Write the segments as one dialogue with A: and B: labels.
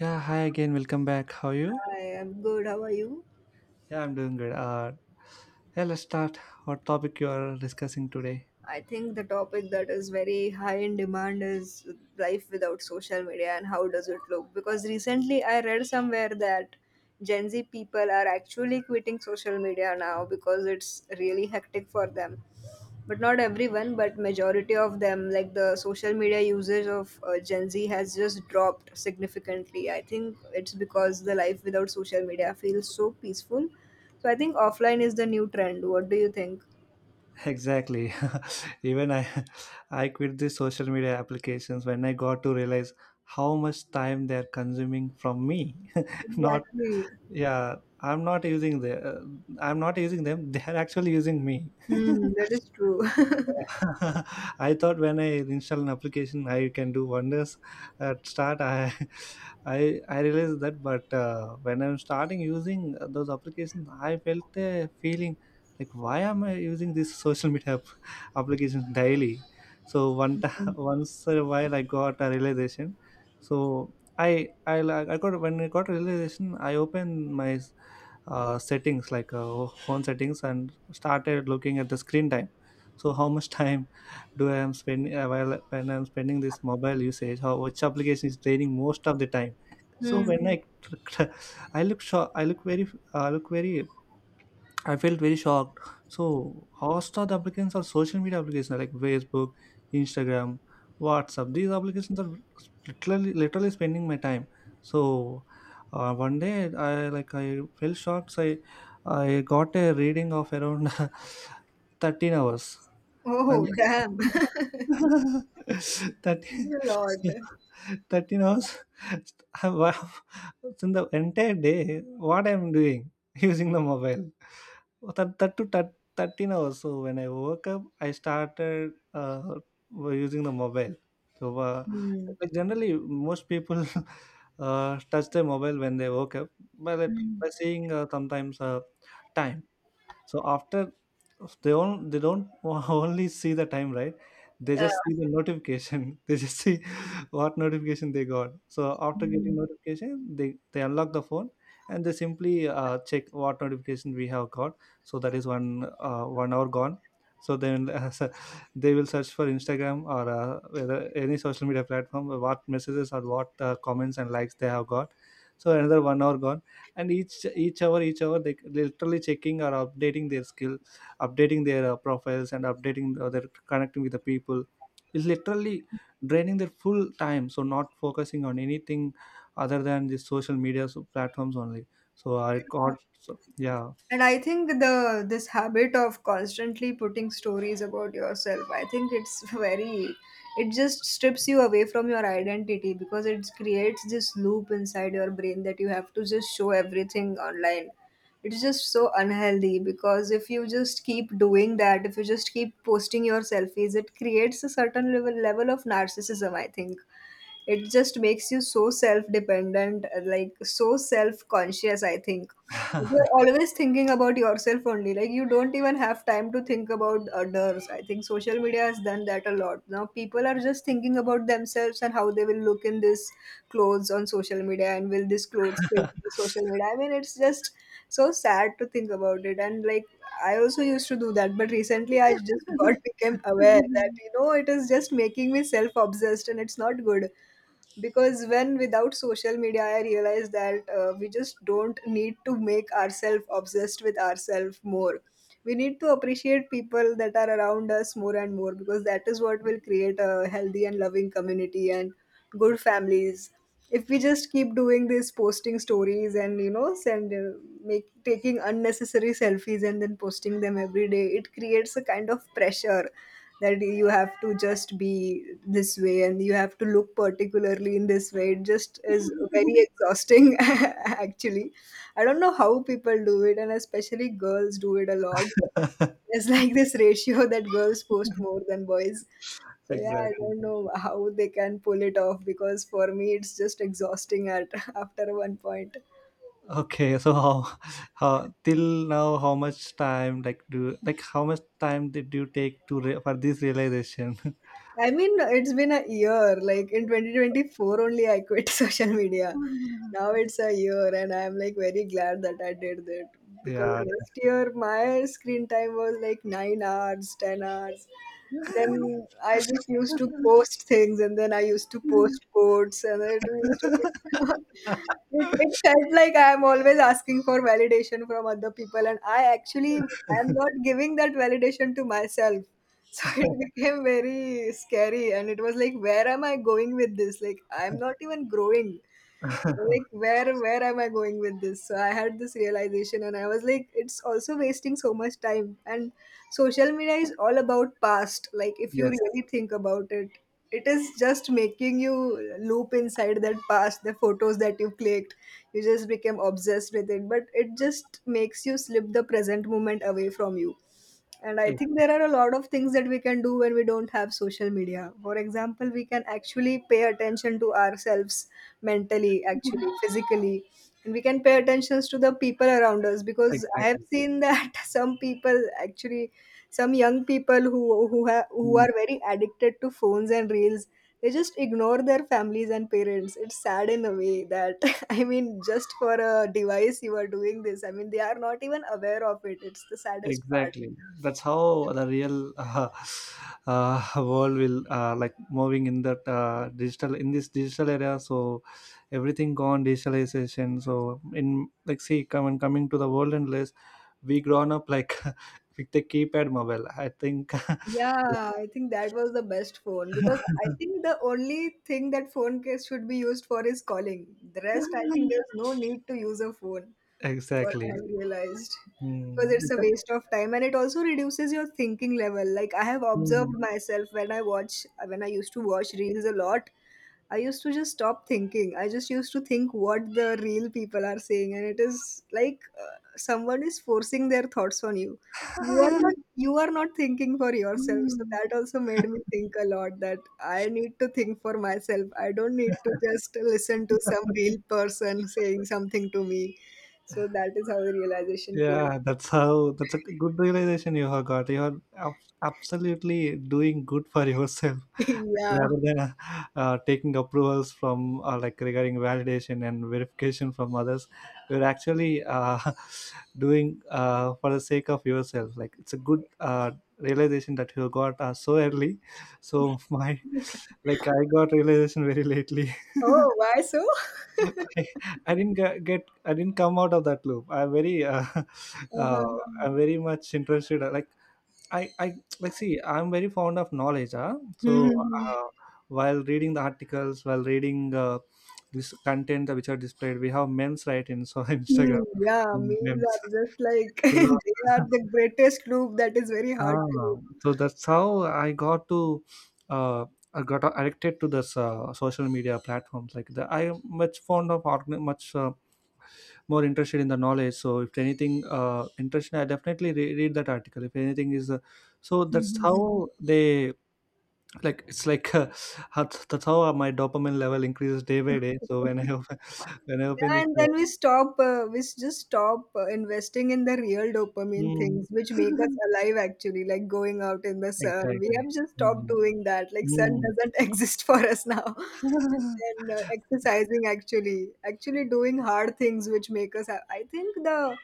A: Yeah, hi again. Welcome back. How are you?
B: I am good. How are you?
A: Yeah, I'm doing good. Yeah, let's start what topic you are discussing today.
B: I think the topic that is very high in demand is life without social media and how does it look? Because recently I read somewhere that Gen Z people are actually quitting social media now because it's really hectic for them. But not everyone, but majority of them, like the social media usage of Gen Z has just dropped significantly. I think it's because the life without social media feels so peaceful. So I think offline is the new trend. What do you think?
A: Exactly. Even I, I quit the social media applications when I got to realize how much time they're consuming from me. not
B: Exactly.
A: yeah, I'm not using the. Uh, I'm not using them. They're actually using me.
B: Hmm, that is true.
A: I thought when I install an application, I can do wonders. At start, I I realized that, but when I'm starting using those applications, I felt a feeling like why am I using this social media app- application daily? So one t- once a while, I got a realization. So I like I got when I got realization, I opened my settings like phone settings and started looking at the screen time so how much time do I am spending while when I'm spending this mobile usage how which application is draining most of the time so
B: Hmm.
A: when I I look shocked i look very I felt very shocked so most of the applications are social media applications like Facebook, Instagram, WhatsApp. These applications are literally spending my time so 1 day I like I felt shocked so i got a reading of around 13 hours and
B: Oh, damn.
A: that
B: A lot.
A: 13 I- wow, in the entire day what I'm doing using the mobile that, that to that 13 hours so when I woke up I started using the mobile so
B: Hmm.
A: like generally most people touch their mobile when they woke up by, that, by seeing sometimes time. So after, they don't only see the time, right? They
B: Yeah.
A: just see the notification. They just see what notification they got. So after getting notification, they unlock the phone and they simply check what notification we have got. So that is 1 hour gone. So then they will search for Instagram or whether any social media platform, what messages or what comments and likes they have got. So another 1 hour gone. And each hour they literally checking or updating their skill, updating their profiles and updating their connecting with the people is literally draining their full time. So not focusing on anything other than the social media platforms only. so i got so, yeah.
B: And I think the this habit of constantly putting stories about yourself, I think it's very it just strips you away from your identity because it creates this loop inside your brain that you have to just show everything online. It's just so unhealthy because if you just keep doing that, if you just keep posting your selfies, it creates a certain level of narcissism. I think it just makes you so self-dependent, like, so self-conscious. I think you're always thinking about yourself only, like, you don't even have time to think about others. I think social media has done that a lot. Now people are just thinking about themselves and how they will look in this clothes on social media, and will this clothes fit the social media? I mean, it's just so sad to think about it. And, like, I also used to do that, but recently I just got became aware that it is just making me self obsessed and it's not good. Because when without social media, I realized that we just don't need to make ourselves obsessed with ourselves more. We need to appreciate people that are around us more and more, because that is what will create a healthy and loving community and good families. If we just keep doing this, posting stories, and, send make taking unnecessary selfies, and then posting them every day, it creates a kind of pressure that you have to just be this way and you have to look particularly in this way. It just is very exhausting, actually. I don't know how people do it, and especially girls do it a lot. There's like this ratio that girls post more than boys. So yeah, I
A: Exactly.
B: don't know how they can pull it off, because for me it's just exhausting at after one point.
A: okay so how till now, how much time like do like how much time did you take to for this realization?
B: I mean, it's been a year. Like, in 2024 only, I quit social media. Now it's a year, and I'm like very glad that I did that, because
A: Yeah.
B: last year my screen time was like 9 hours, 10 hours. Then I just used to post things, and then I used to post quotes, and it used to be. It felt like I'm always asking for validation from other people, and I actually am not giving that validation to myself. So it became very scary, and it was like, where am I going with this? Like, I'm not even growing. Like, where am I going with this? So I had this realization, and I was like, it's also wasting so much time. And social media is all about past. Like, if you
A: Yes,
B: really think about it, it is just making you loop inside that past, the photos that you clicked. You just became obsessed with it, but it just makes you slip the present moment away from you. And I
A: e-
B: think there are a lot of things that we can do when we don't have social media. For example, we can actually pay attention to ourselves mentally, actually, physically. And we can pay attentions to the people around us, because I have
A: exactly.
B: seen that some people actually, some young people who have who
A: Mm,
B: are very addicted to phones and reels, they just ignore their families and parents. It's sad in a way that, I mean, just for a device you are doing this. I mean, they are not even aware of it. It's the saddest part.
A: exactly. That's how the real world will like moving in that digital in this digital era. So everything gone digitalization. So in like see come and coming to the world and less we grown up like with the keypad mobile, I think.
B: Yeah, I think that was the best phone, because I think the only thing that phone case should be used for is calling. The rest, I think there's no need to use a phone, what I have
A: Exactly.
B: realized, because
A: Mm.
B: it's a waste of time and it also reduces your thinking level. Like, I have
A: Mm.
B: observed myself when I watch, when I used to watch reels a lot, I used to just stop thinking. I just used to think what the real people are saying, and it is like someone is forcing their thoughts on you. You are not thinking for yourself. So that also made me think a lot that I need to think for myself. I don't need to just listen to some real person saying something to me. So that is how the realization came.
A: Yeah, that's how, that's a good realization you have got. You are absolutely doing good for yourself, like
B: Yeah.
A: rather than taking approvals from like regarding validation and verification from others. You're actually doing for the sake of yourself. Like it's a good realization that you got so early. So my like I got realization very lately.
B: Oh, why so?
A: I, I didn't get I didn't come out of that loop. I'm very
B: Uh-huh.
A: uh, I'm very much interested. Like I like see I'm very fond of knowledge. Huh? So
B: Mhm.
A: uh, while reading the articles, while reading this content which are displayed, we have memes, right? In so
B: Hmm.
A: Instagram
B: Yeah, memes
A: memes.
B: are just like,
A: So,
B: they are the greatest loop that is very hard
A: ah,
B: to.
A: so that's how I got to uh, I got addicted to this social media platforms like the I am much fond of organ- much more interested in the knowledge. So if anything interested I definitely read that article, if anything is so that's how they like it's like that's how my dopamine level increases day by day. So when
B: Mhm.
A: I open when I open
B: Yeah,
A: this
B: and then we stop, we just stop investing in the real dopamine
A: mm,
B: things which make us alive, actually, like going out in the sun. We
A: exactly,
B: have just stopped
A: mm,
B: doing that. Like, sun
A: mm,
B: doesn't exist for us now. And then exercising, actually, doing hard things which make us. I think the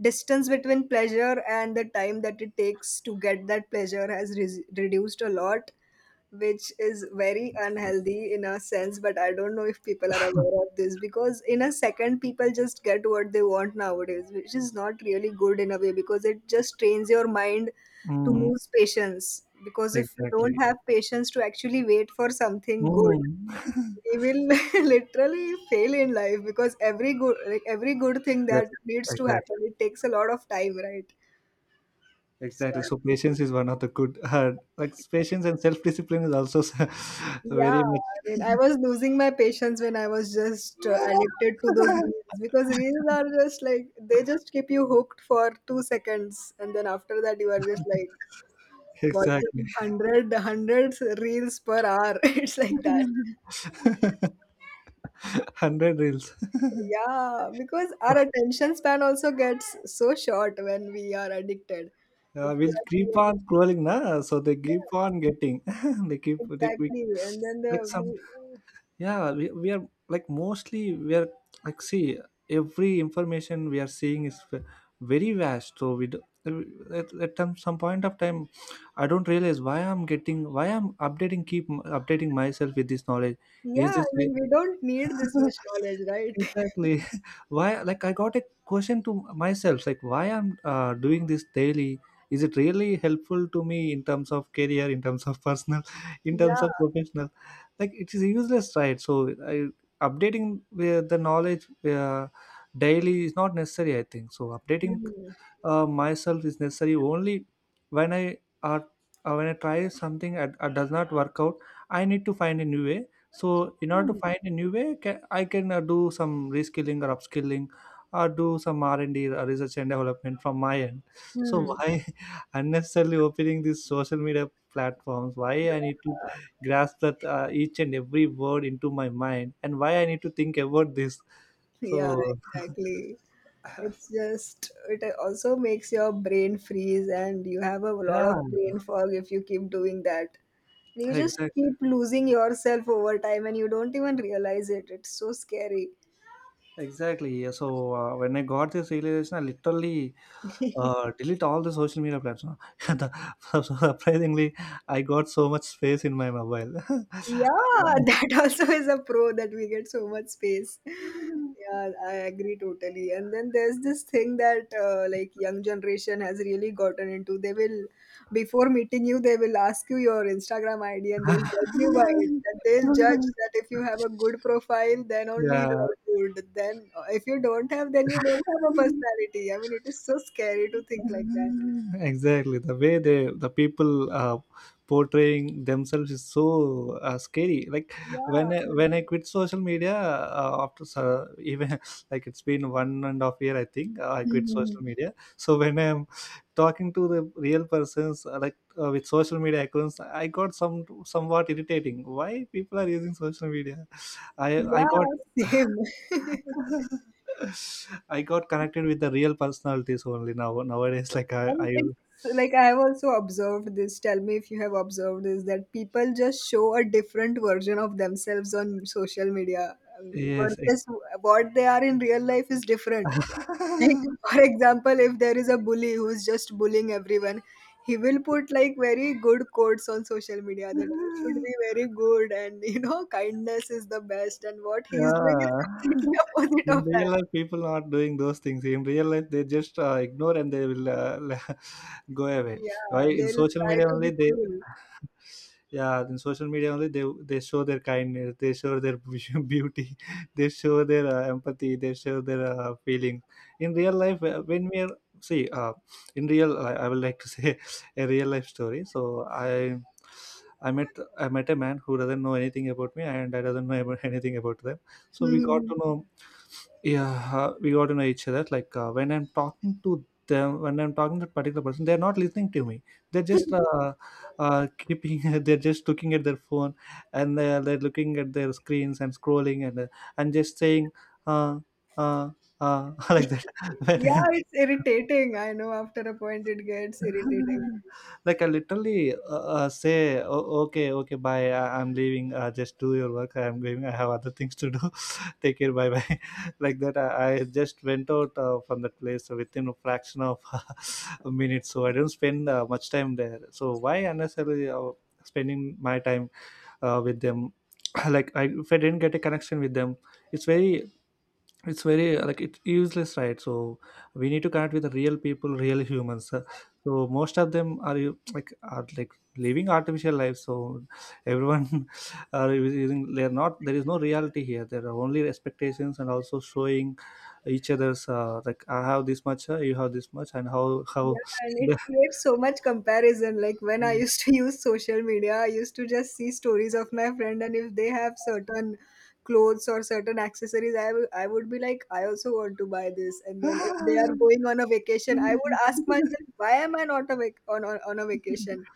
B: distance between pleasure and the time that it takes to get that pleasure has reduced a lot, which is very unhealthy in a sense, but I don't know if people are aware of this, because in a second people just get what they want nowadays, which is not really good in a way, because it just trains your mind to
A: mm,
B: lose patience. Because if you don't
A: exactly,
B: have patience to actually wait for something good,
A: mm.
B: we will literally fail in life, because every good, like every good thing
A: Yes,
B: that needs to happen,
A: exactly,
B: it takes a lot of time, right? So
A: exactly.
B: I
A: So
B: think.
A: patience is one of the good like patience and self-discipline is also
B: Yeah,
A: very
B: I mean, I was losing my patience when I was just addicted to those reels, because reels are just like, they just keep you hooked for 2 seconds, and then after that, you are just like
A: exactly.
B: watching hundreds reels per hour. It's like that.
A: 100 reels.
B: Yeah, because our attention span also gets so short when we are addicted. If you
A: We'll
B: are
A: keep on
B: really,
A: scrolling, na? So they
B: yeah,
A: keep on getting. they keep, they, we,
B: exactly. And then
A: like
B: the,
A: some,
B: we,
A: yeah, we are like mostly, we are like, see, every information we are seeing is very vast. Uh, at some point of time, I don't realize why I'm updating, updating myself with this knowledge. Is
B: yeah, I
A: this
B: mean, we don't need this much knowledge, right?
A: exactly. Why, like, I got a question to myself, like, why I'm doing this daily? Is it really helpful to me in terms of career, in terms of personal, in terms of
B: Yeah.
A: professional? Like, it is useless, right? So, I, updating the knowledge daily is not necessary, I think. So, updating
B: Hmm.
A: myself is necessary only when I are when I try something and does not work out I need to find a new way. So in order to
B: Hmm.
A: find a new way, I can do some reskilling or upskilling, or do some r&d, research and development, from my end. So
B: Hmm.
A: why unnecessarily opening these social media platforms? Why I need to grasp that each and every word into my mind, and why I need to think about this? So
B: Yeah, exactly. It's just, it also makes your brain freeze, and you have a lot
A: yeah,
B: of brain fog if you keep doing that. You just
A: exactly.
B: keep losing yourself over time, and you don't even realize it. It's so scary.
A: Exactly, yeah. So when I got this realization, I literally delete all the social media platforms. The- surprisingly, I got so much space in my mobile.
B: Yeah, that also is a pro that we get so much space. Yeah, I agree totally. And then there's this thing that, like, young generation has really gotten into. They will, before meeting you, they will ask you your Instagram ID and they'll judge you by it. That they'll judge that if you have a good profile, then only you
A: Yeah.
B: are good. Then if you don't have, then you don't have a personality. I mean, it is so scary to think like that.
A: Exactly, the way they the people portraying themselves is so scary, like
B: Yeah. I mean-
A: when I quit social media even like it's been 1.5 years, I think. I quit social
B: Mhm.
A: media, so when I'm talking to the real persons like with social media accounts, I got some somewhat irritating why people are using social media. I i got
B: Yeah, same.
A: I got connected with the real personalities only now nowadays. Like I,
B: And
A: I
B: it's like, I've also observed this. Tell me if you have observed this, that people just show a different version of themselves on social media,
A: yes.
B: versus what they are in real life is different. Like,
A: I-
B: for example, if there is a bully who is just bullying everyone, he will put like very good quotes on social media that you should be very good and, you know, kindness is the best. And what he's doing is
A: yeah.
B: completely opposite
A: In
B: of
A: real
B: that.
A: life, people are not doing those things. In real life, they just ignore and they will go away. Why
B: Yeah,
A: in
B: they'll
A: social
B: try
A: media
B: to
A: only they,
B: be
A: yeah, in social media only they show their kindness, they show their beauty, they show their empathy, they show their feelings. In real life, when see, uh, in real, I would like to say a real life story. So I. I met a man who doesn't know anything about me, and I doesn't know about anything about them. So we got
B: cool.
A: to know, yeah, we got to know each other. Like when I'm talking to that particular person, they're not listening to me. They're just keeping they're just looking at their phone, and they're looking at their screens and scrolling and just saying uh uh like that.
B: Yeah,
A: when
B: it's irritating. I know after a point it gets irritating.
A: like I literally say, "O- okay, okay, bye. I- I'm leaving. Just do your work. I'm going. I have other things to do. Take care. Bye bye." Like that, I just went out from that place within a fraction of a minute. So I didn't spend much time there. So why unnecessarily spending my time with them? Like I, if I didn't get a connection with them, it's very it's very like it's useless, right? So we need to connect with real people, real humans. So most of them are you like are like living artificial life. So everyone are using they're not there is no reality here, there are only expectations and also showing each other's like I have this much you have this much and how
B: Yeah, and
A: the
B: it creates so much comparison. Like, when I used to use social media, I used to just see stories of my friend, and if they have certain clothes or certain accessories, I would be like, I also want to buy this. And then if they are going on a vacation, I would ask myself, why am I not a on a vacation?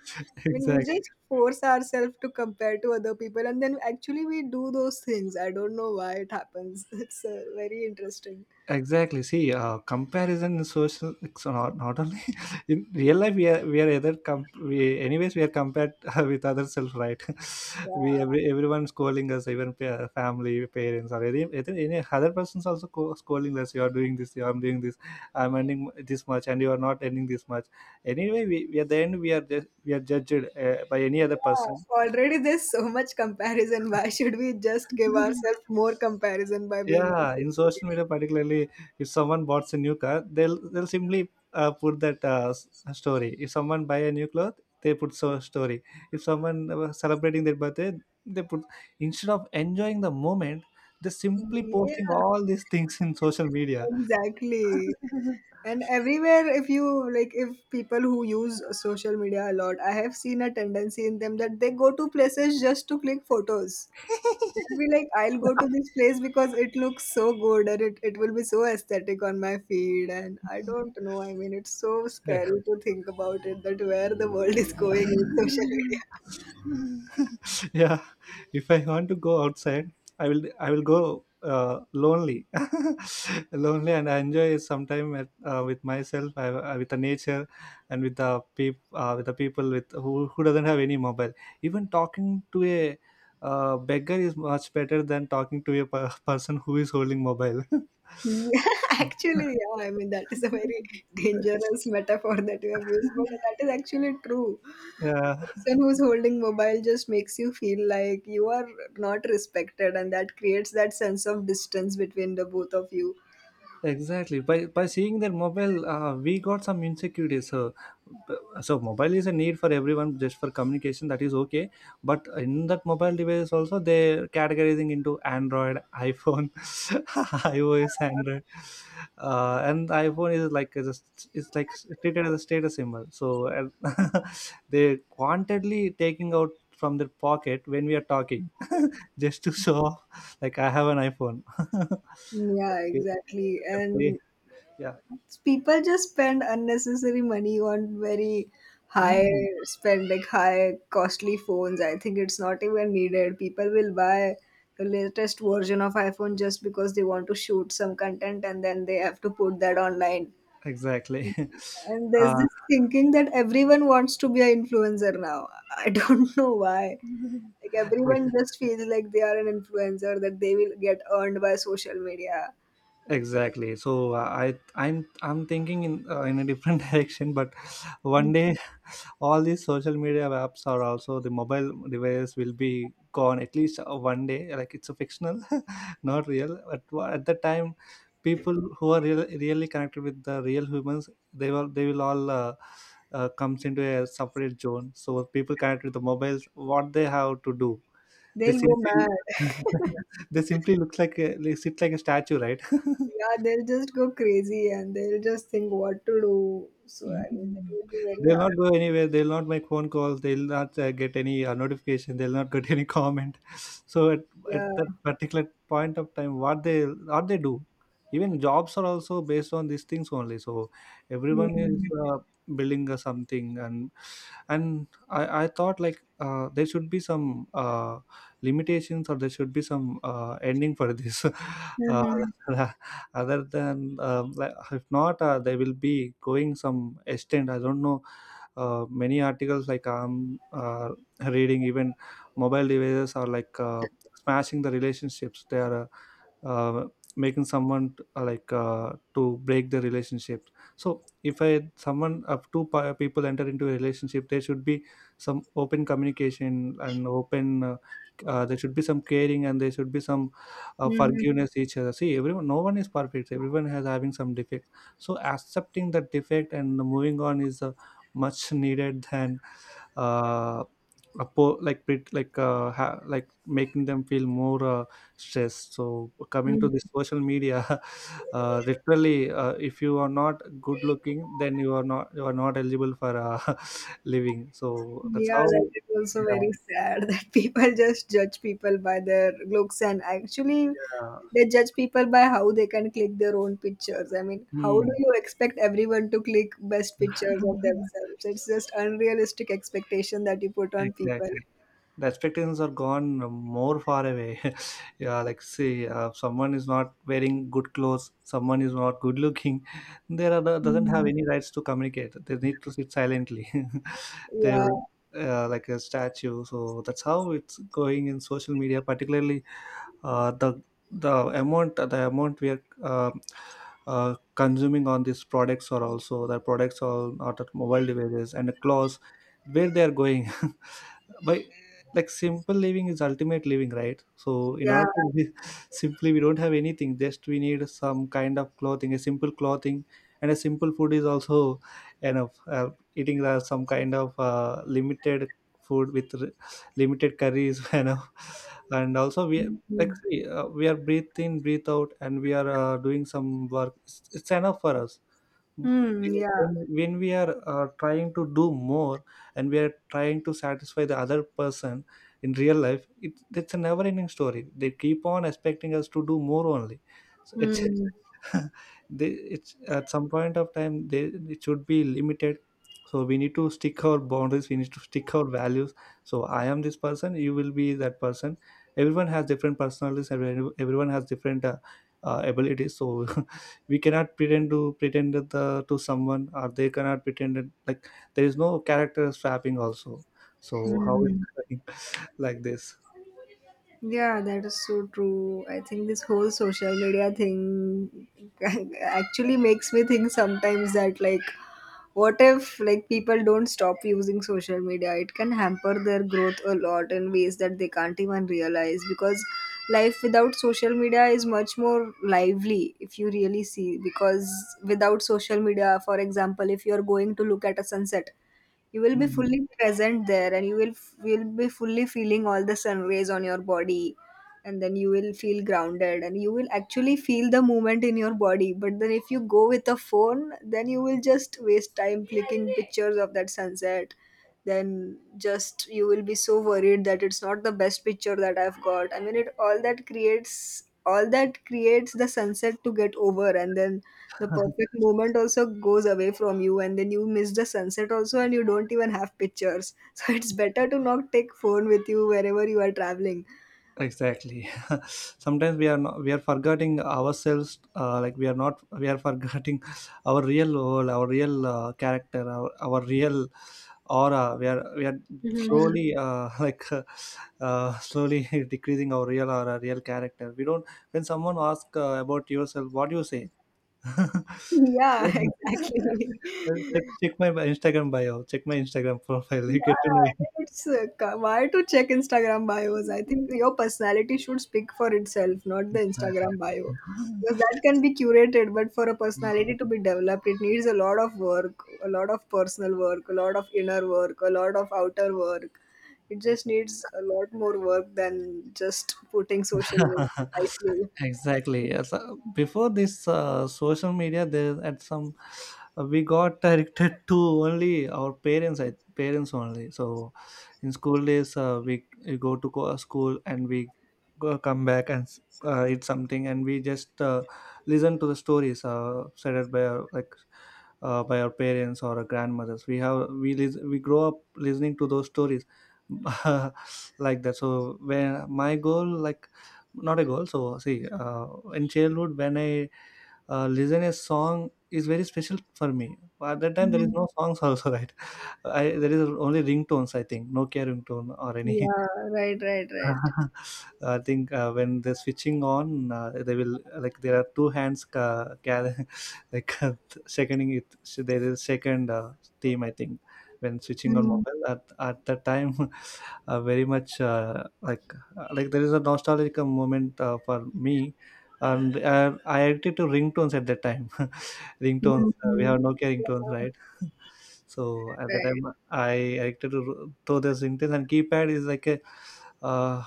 B: I mean, we
A: exactly.
B: just force ourselves to compare to other people, and then actually we do those things. I don't know why it happens. It's very interesting.
A: Exactly. See, comparison in social it's not only in real life. We are either we anyways we are compared with other self, right?
B: Yeah.
A: Everyone's calling us, even family, parents, or any, either any other person's also calling us. You are doing this. You are doing this. I'm earning this much, and you are not earning this much. Anyway, we at the end we are just, we are judged by any other
B: Yeah,
A: person.
B: already there's so much comparison. Why should we just give ourselves more comparison by being on
A: Yeah, in
B: social media?
A: social media particularly, if someone bought a new car, they'll simply put that story. If someone buy a new cloth, they put so story. If someone celebrating their birthday, they put instead of enjoying the moment, they're simply posting
B: Yeah,
A: all these things in social media.
B: exactly. And everywhere, if you like, if people who use social media a lot, I have seen a tendency in them that they go to places just to click photos. I'll be like, I'll go to this place because it looks so good and it will be so aesthetic on my feed. And I don't know. I mean, it's so scary to think about it that where the world is going with social media.
A: Yeah, if I want to go outside, I will go uh, lonely lonely, and I enjoy some time with myself, with the nature and with the with the people with who doesn't have any mobile. Even talking to a beggar is much better than talking to a person who is holding mobile.
B: Yeah, actually, yeah. I mean, that is a very dangerous metaphor that you have used, but that is actually true.
A: Yeah.
B: Person who's holding mobile just makes you feel like you are not respected, and that creates that sense of distance between the both of you.
A: Exactly. By seeing their mobile, we got some insecurities. So mobile is a need for everyone, just for communication. That is okay. But in that mobile device, also they are categorizing into Android, iPhone, iOS, Android, and iPhone is like just it's like treated as a status symbol. So they quantedly taking out from their pocket when we are talking, just to show off, like I have an iPhone.
B: Yeah, exactly.
A: Definitely.
B: And
A: Yeah.
B: people just spend unnecessary money on very high
A: Mm,
B: spend like high costly phones. I think it's not even needed. People will buy the latest version of iPhone just because they want to shoot some content and then they have to put that online.
A: exactly.
B: And there's
A: uh,
B: this thinking that everyone wants to be an influencer now. I don't know why. Like everyone
A: e-
B: just feels like they are an influencer that they will get earned by social media.
A: exactly. So I'm thinking in a different direction, but one day all these social media apps are also the mobile device will be gone at least one day. Like it's a fictional, not real. But at the time, people who are real, really connected with the real humans, they will all. Comes into a separate zone, so people connected with the mobiles, what they have to do. They
B: They'll go
A: simply
B: mad.
A: they simply looks like a, they sit like a statue, right?
B: Yeah, they'll just go crazy and they'll just think what to do. So I mean, it
A: Mhm.
B: would be very
A: They'll
B: hard.
A: not go anywhere. They'll not make phone calls. They'll not get any notification. They'll not get any comment. So at
B: Yeah.
A: that particular point of time, what they do, even jobs are also based on these things only. So everyone is
B: Mhm.
A: building something, and I thought like there should be some limitations or there should be some ending for this. uh,
B: Mhm.
A: Other than like, if not they will be going some extent, I don't know. Many articles like I'm reading, even mobile devices are like smashing the relationships. They are uh, uh, making someone like to break the relationship. So if I someone of two people enter into a relationship, there should be some open communication and open there should be some caring, and there should be some
B: Mhm.
A: forgiveness each other. See, everyone, no one is perfect, everyone has having some defects. So accepting that defect and moving on is much needed than uh, like like like making them feel more stressed. So coming to
B: Mhm.
A: the social media, literally if you are not good looking, then you are not eligible for living. So that's
B: Yeah,
A: how.
B: that is also
A: Yeah.
B: very sad that people just judge people by their looks, and actually
A: Yeah.
B: they judge people by how they can click their own pictures. I mean, how do
A: Hmm.
B: you expect everyone to click best pictures of themselves? It's just unrealistic expectation that you put on people.
A: Exactly. The expectations are gone more far away. Yeah, like see, someone is not wearing good clothes, someone is not good looking, there are doesn't have
B: Mm.
A: any rights to communicate, they need to sit silently. They
B: Yeah,
A: will, like a statue. So that's how it's going in social media particularly. uh, the the amount we are um consuming on these products, or also the products are not at mobile devices and the clothes, where they are going. By, like, simple living is ultimate living, right? So in
B: yeah.
A: order to be, simply, we don't have anything, just we need some kind of clothing, a simple clothing, and a simple food is also enough. Eating some kind of limited food with limited curries, you know. And also we, like
B: Mhm.
A: see, we are breathe in, breathe out, and we are doing some work, it's enough for us.
B: Hmm,
A: when,
B: yeah.
A: when we are trying to do more, and we are trying to satisfy the other person, in real life it's a never ending story. They keep on expecting us to do more only. So it's
B: Hmm,
A: they, it's at some point of time they, it should be limited. So we need to stick our boundaries, we need to stick our values. So I am this person, you will be that person. Everyone has different personalities, everyone has different abilities. So we cannot pretend to pretend that, the, to someone, or they cannot pretend that, like there is no character swapping also. So how is
B: hmm.
A: it like this?
B: Yeah, that is so true. I think this whole social media thing actually makes me think sometimes that, like, what if, like, people don't stop using social media? It can hamper their growth a lot in ways that they can't even realize, because life without social media is much more lively if you really see. Because without social media, for example, if you're going to look at a sunset, you will be fully present there and you will will be fully feeling all the sun rays on your body, and then you will feel grounded and you will actually feel the movement in your body. But then if you go with a phone, then you will just waste time clicking pictures of that sunset. Then just you will be so worried that it's not the best picture that I've got. I mean, it all that creates the sunset to get over, and then the perfect moment also goes away from you and then you miss the sunset also and you don't even have pictures. So it's better to not take phone with you wherever you are traveling.
A: Exactly. Sometimes we are not, we are forgetting ourselves, like, we are not, we are forgetting our real role, our real character, our real aura. We are slowly like slowly decreasing our real aura, real character. We don't, when someone asks about yourself, what do you say?
B: Yeah,
A: You don't-
B: exactly.
A: Check my Instagram bio, check my Instagram profile,
B: Yeah,
A: you get to know.
B: it's why to check Instagram bios? I think your personality should speak for itself, not the
A: Exactly.
B: Instagram bio. Because that can be curated, but for a personality to be developed, it needs a lot of work, a lot of personal work, a lot of inner work, a lot of outer work. It just needs a lot more work than just putting social media nicely.
A: Exactly, yes. Before this social media, there at some we got directed to only our parents, parents only. So in school days, we go to school, and we come back and eat something, and we just listen to the stories said by our, like by our parents or our grandmothers. We grow up listening to those stories. Like that. So when my goal, like, not a goal, so see in childhood when I listen a song is very special for me. At that time there is
B: Mm.
A: no songs also, right? There is only ringtones, I think, Nokia ringtone or any.
B: Yeah, right, right, right.
A: I think when they're switching on, they will, like, there are two hands gather, like seconding it. So there is second team, I think, when switching on
B: Mm.
A: mobile at that time, very much like there is a nostalgic moment for me, and I addicted to ringtones at that time. Ringtones. We have
B: Mm.
A: Nokia ringtones,
B: Yeah,
A: right? So at the
B: right.
A: time, I addicted to those ringtones, and keypad is like a uh,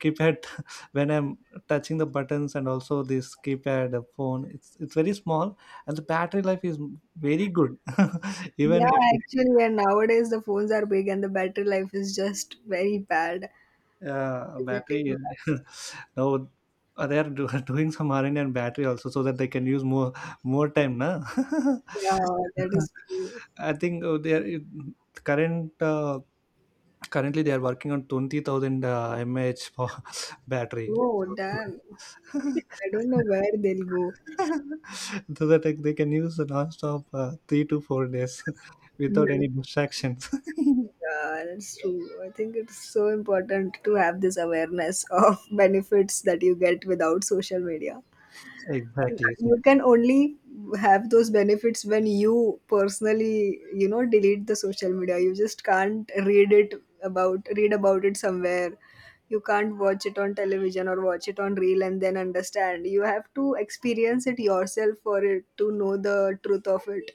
A: keypad. When I'm touching the buttons, and also this keypad phone, it's very small, and the battery life is very good.
B: Yeah,
A: Even if
B: actually, and nowadays the phones are big and the battery life is just very bad. As it
A: battery,
B: is.
A: now they are doing some R&D on battery also, so that they can use more time, na?
B: Yeah, that is true.
A: I think they are current uh, currently they are working on 20,000 mAh for battery.
B: Oh,
A: So,
B: damn. I don't know where they'll go.
A: so that, like, they can use the non-stop 3 to 4 days
B: Hmm.
A: without any distractions.
B: Yeah, that's true. I think it's so important to have this awareness of benefits that you get without social media.
A: Exactly. So,
B: You can only have those benefits when you personally, you know, delete the social media. You just can't read about it somewhere. You can't watch it on television or watch it on reel and then understand. You have to experience it yourself for it to know the truth of it.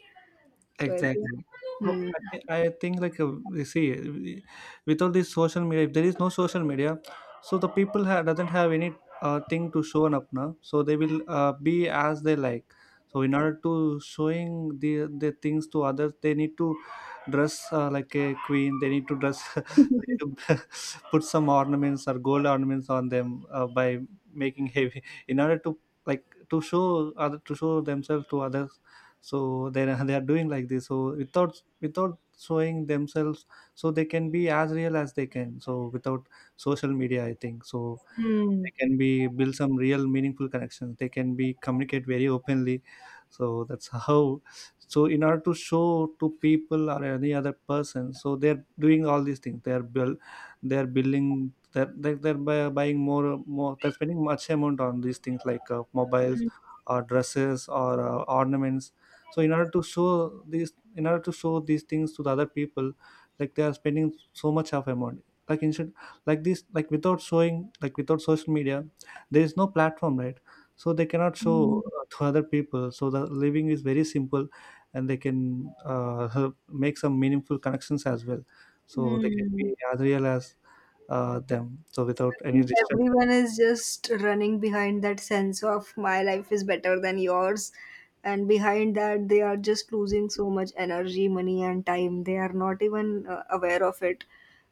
B: So I think
A: exactly. So
B: hmm.
A: I think like you see, with all this social media, if there is no social media, so the people doesn't have any thing to show up now. So they will be as they like. So in order to showing the things to others, they need to dress like a queen. They need to dress. They need to put some ornaments or gold ornaments on them by making heavy, in order to, like, to show other, to show themselves to others. So they are doing like this, so without showing themselves, so they can be as real as they can. So without social media, I think so,
B: Hmm.
A: they can be build some real meaningful connections, they can be communicate very openly. So that's how, so in order to show to people or any other person, so they're doing all these things, they're building, buying more, they're spending much amount on these things, like mobiles or dresses or ornaments. So in order to show these, in order to show these things to the other people, like they are spending so much of amount, like instead, like this, like without showing, like without social media, there is no platform, right? So they cannot
B: Hmm.
A: show to other people. So the living is very simple, and they can help make some meaningful connections as well. So they can be
B: Hmm.
A: as real as them, so without
B: I
A: any
B: think
A: distance.
B: everyone is just running behind that sense of my life is better than yours. And behind that, they are just losing so much energy, money, and time. They are not even aware of it.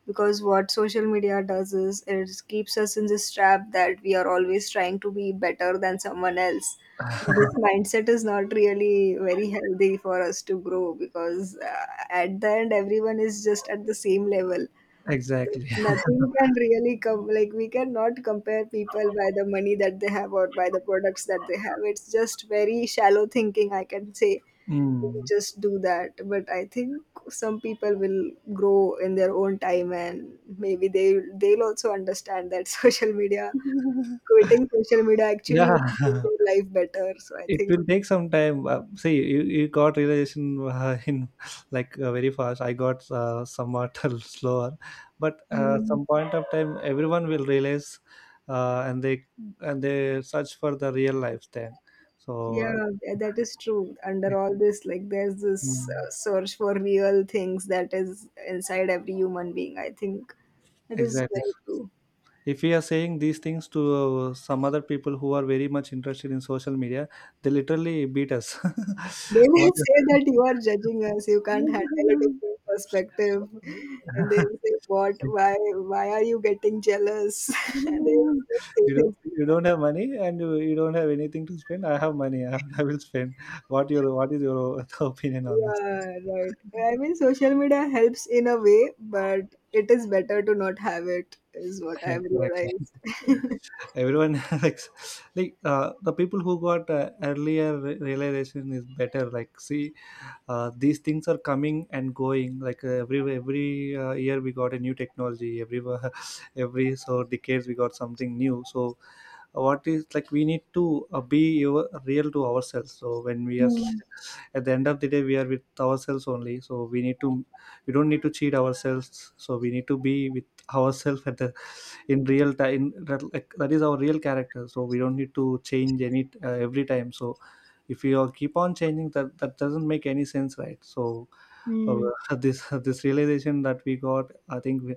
B: Because what social media does is it keeps us in this trap that we are always trying to be better than someone else. This mindset is not really very healthy for us to grow, because at the end, everyone is just at the same level.
A: Exactly.
B: Nothing can really come. Like, we cannot compare people by the money that they have or by the products that they have. It's just very shallow thinking, I can say.
A: Mm.
B: Just do that. But I think some people will grow in their own time, and maybe they, they'll also understand that social media quitting social media actually
A: Yeah,
B: will make their life better. So I
A: it
B: think
A: will take some time. See, you got realization in, like very fast. I got somewhat slower, but
B: mm-hmm.
A: some point of time, everyone will realize, uh, and they and they search for the real life then. So
B: Yeah, that is true. Under all this, like, there's this
A: mm,
B: search for real things that is inside every human being. I think that is
A: exactly.
B: very true.
A: If we are saying these things to some other people who are very much interested in social media, they literally beat us.
B: They may
A: What-
B: say that you are judging us, you can't handle a different perspective. And they will say, "What? Why are you getting jealous?" And they just
A: You
B: say
A: don't
B: things
A: you
B: like
A: don't
B: that.
A: have money and you don't have anything to spend. I have money. I have, I will spend. What is your opinion on this?
B: Yeah, right. I mean, social media helps in a way, but it is better to not have it, is what I've
A: Exactly.
B: realized.
A: Everyone the people who got realization is better. Like see, these things are coming and going. Like every year we got a new technology. Every every so decades we got something new. So what is like we need to be your, real to ourselves, so when we are
B: Hmm.
A: at the end of the day we are with ourselves only, so we need to, we don't need to cheat ourselves, so we need to be with ourselves at the in real time that, like, that is our real character, so we don't need to change any every time. So if you all keep on changing, that doesn't make any sense, right? So uh,
B: Hmm.
A: this realization that we got, I think we,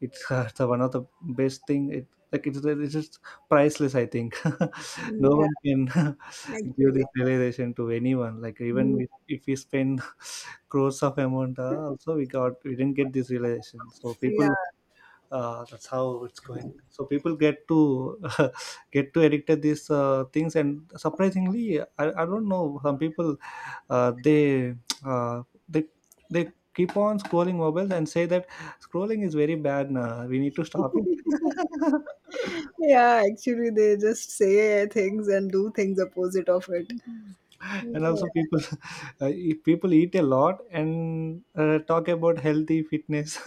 A: it's the one of the best thing. It like it's just priceless. I think no
B: Yeah,
A: one can give
B: actually.
A: this realization to anyone. Like even
B: Mm.
A: we, if we spend crores of amount, also we didn't get this realization. So
B: Yeah,
A: people that's how it's going, so people get to get to addicted these things. And surprisingly I don't know, some people uh, they they they keep on scrolling mobiles and say that scrolling is very bad nah. We need to stop it.
B: yeah, actually, they just say things and do things opposite of it. Yeah,
A: And also people if people eat a lot and talk about healthy fitness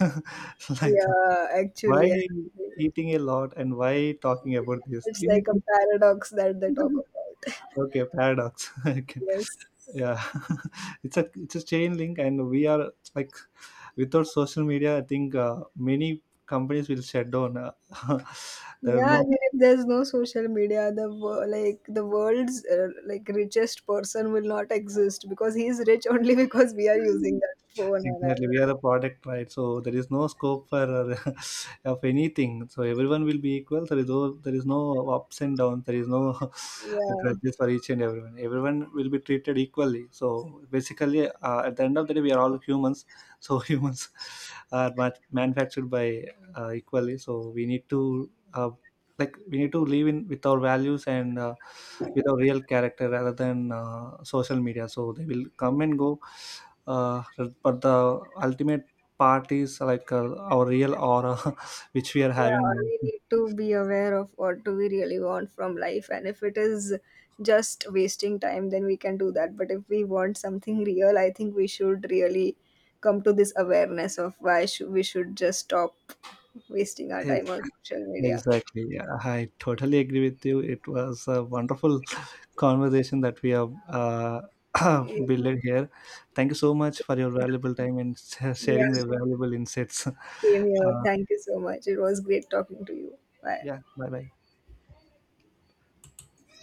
A: like that.
B: yeah,
A: Why
B: actually, actually.
A: eating a lot and why talking about this?
B: It's
A: You need
B: like a
A: to
B: paradox that they talk about.
A: Okay, paradox. I can-
B: Yes.
A: yeah, it's a chain link, and we are like without social media. I think many companies will shut down. There
B: Yeah, I
A: are
B: mean, if there's no social media, the like the world's like richest person will not exist, because he's rich only because we are using
A: no.
B: that phone. And I,
A: Exactly, we are a product, right? So there is no scope for uh, of anything. So everyone will be equal. There is no ups and downs. There is no
B: yeah.
A: grudges for each and everyone. Everyone will be treated equally. So basically, at the end of the day, we are all humans. So humans are manufactured by equally. So we need to like we need to live in with our values and with our real character rather than social media. So they will come and go uh, but the ultimate part is like our real aura which we are having
B: Yeah, we
A: now.
B: need to be aware of what do we really want from life, and if it is just wasting time, then we can do that. But if we want something real, I think we should really come to this awareness of why should we should just stop wasting our
A: Ex-
B: time on social media.
A: Exactly. Yeah, I totally agree with you. It was a wonderful conversation that we have
B: Yeah,
A: built here. Thank you so much for your valuable time and sharing the valuable insights.
B: same here.
A: Uh,
B: Thank you so much. It was great talking to you. Bye.
A: yeah, bye bye.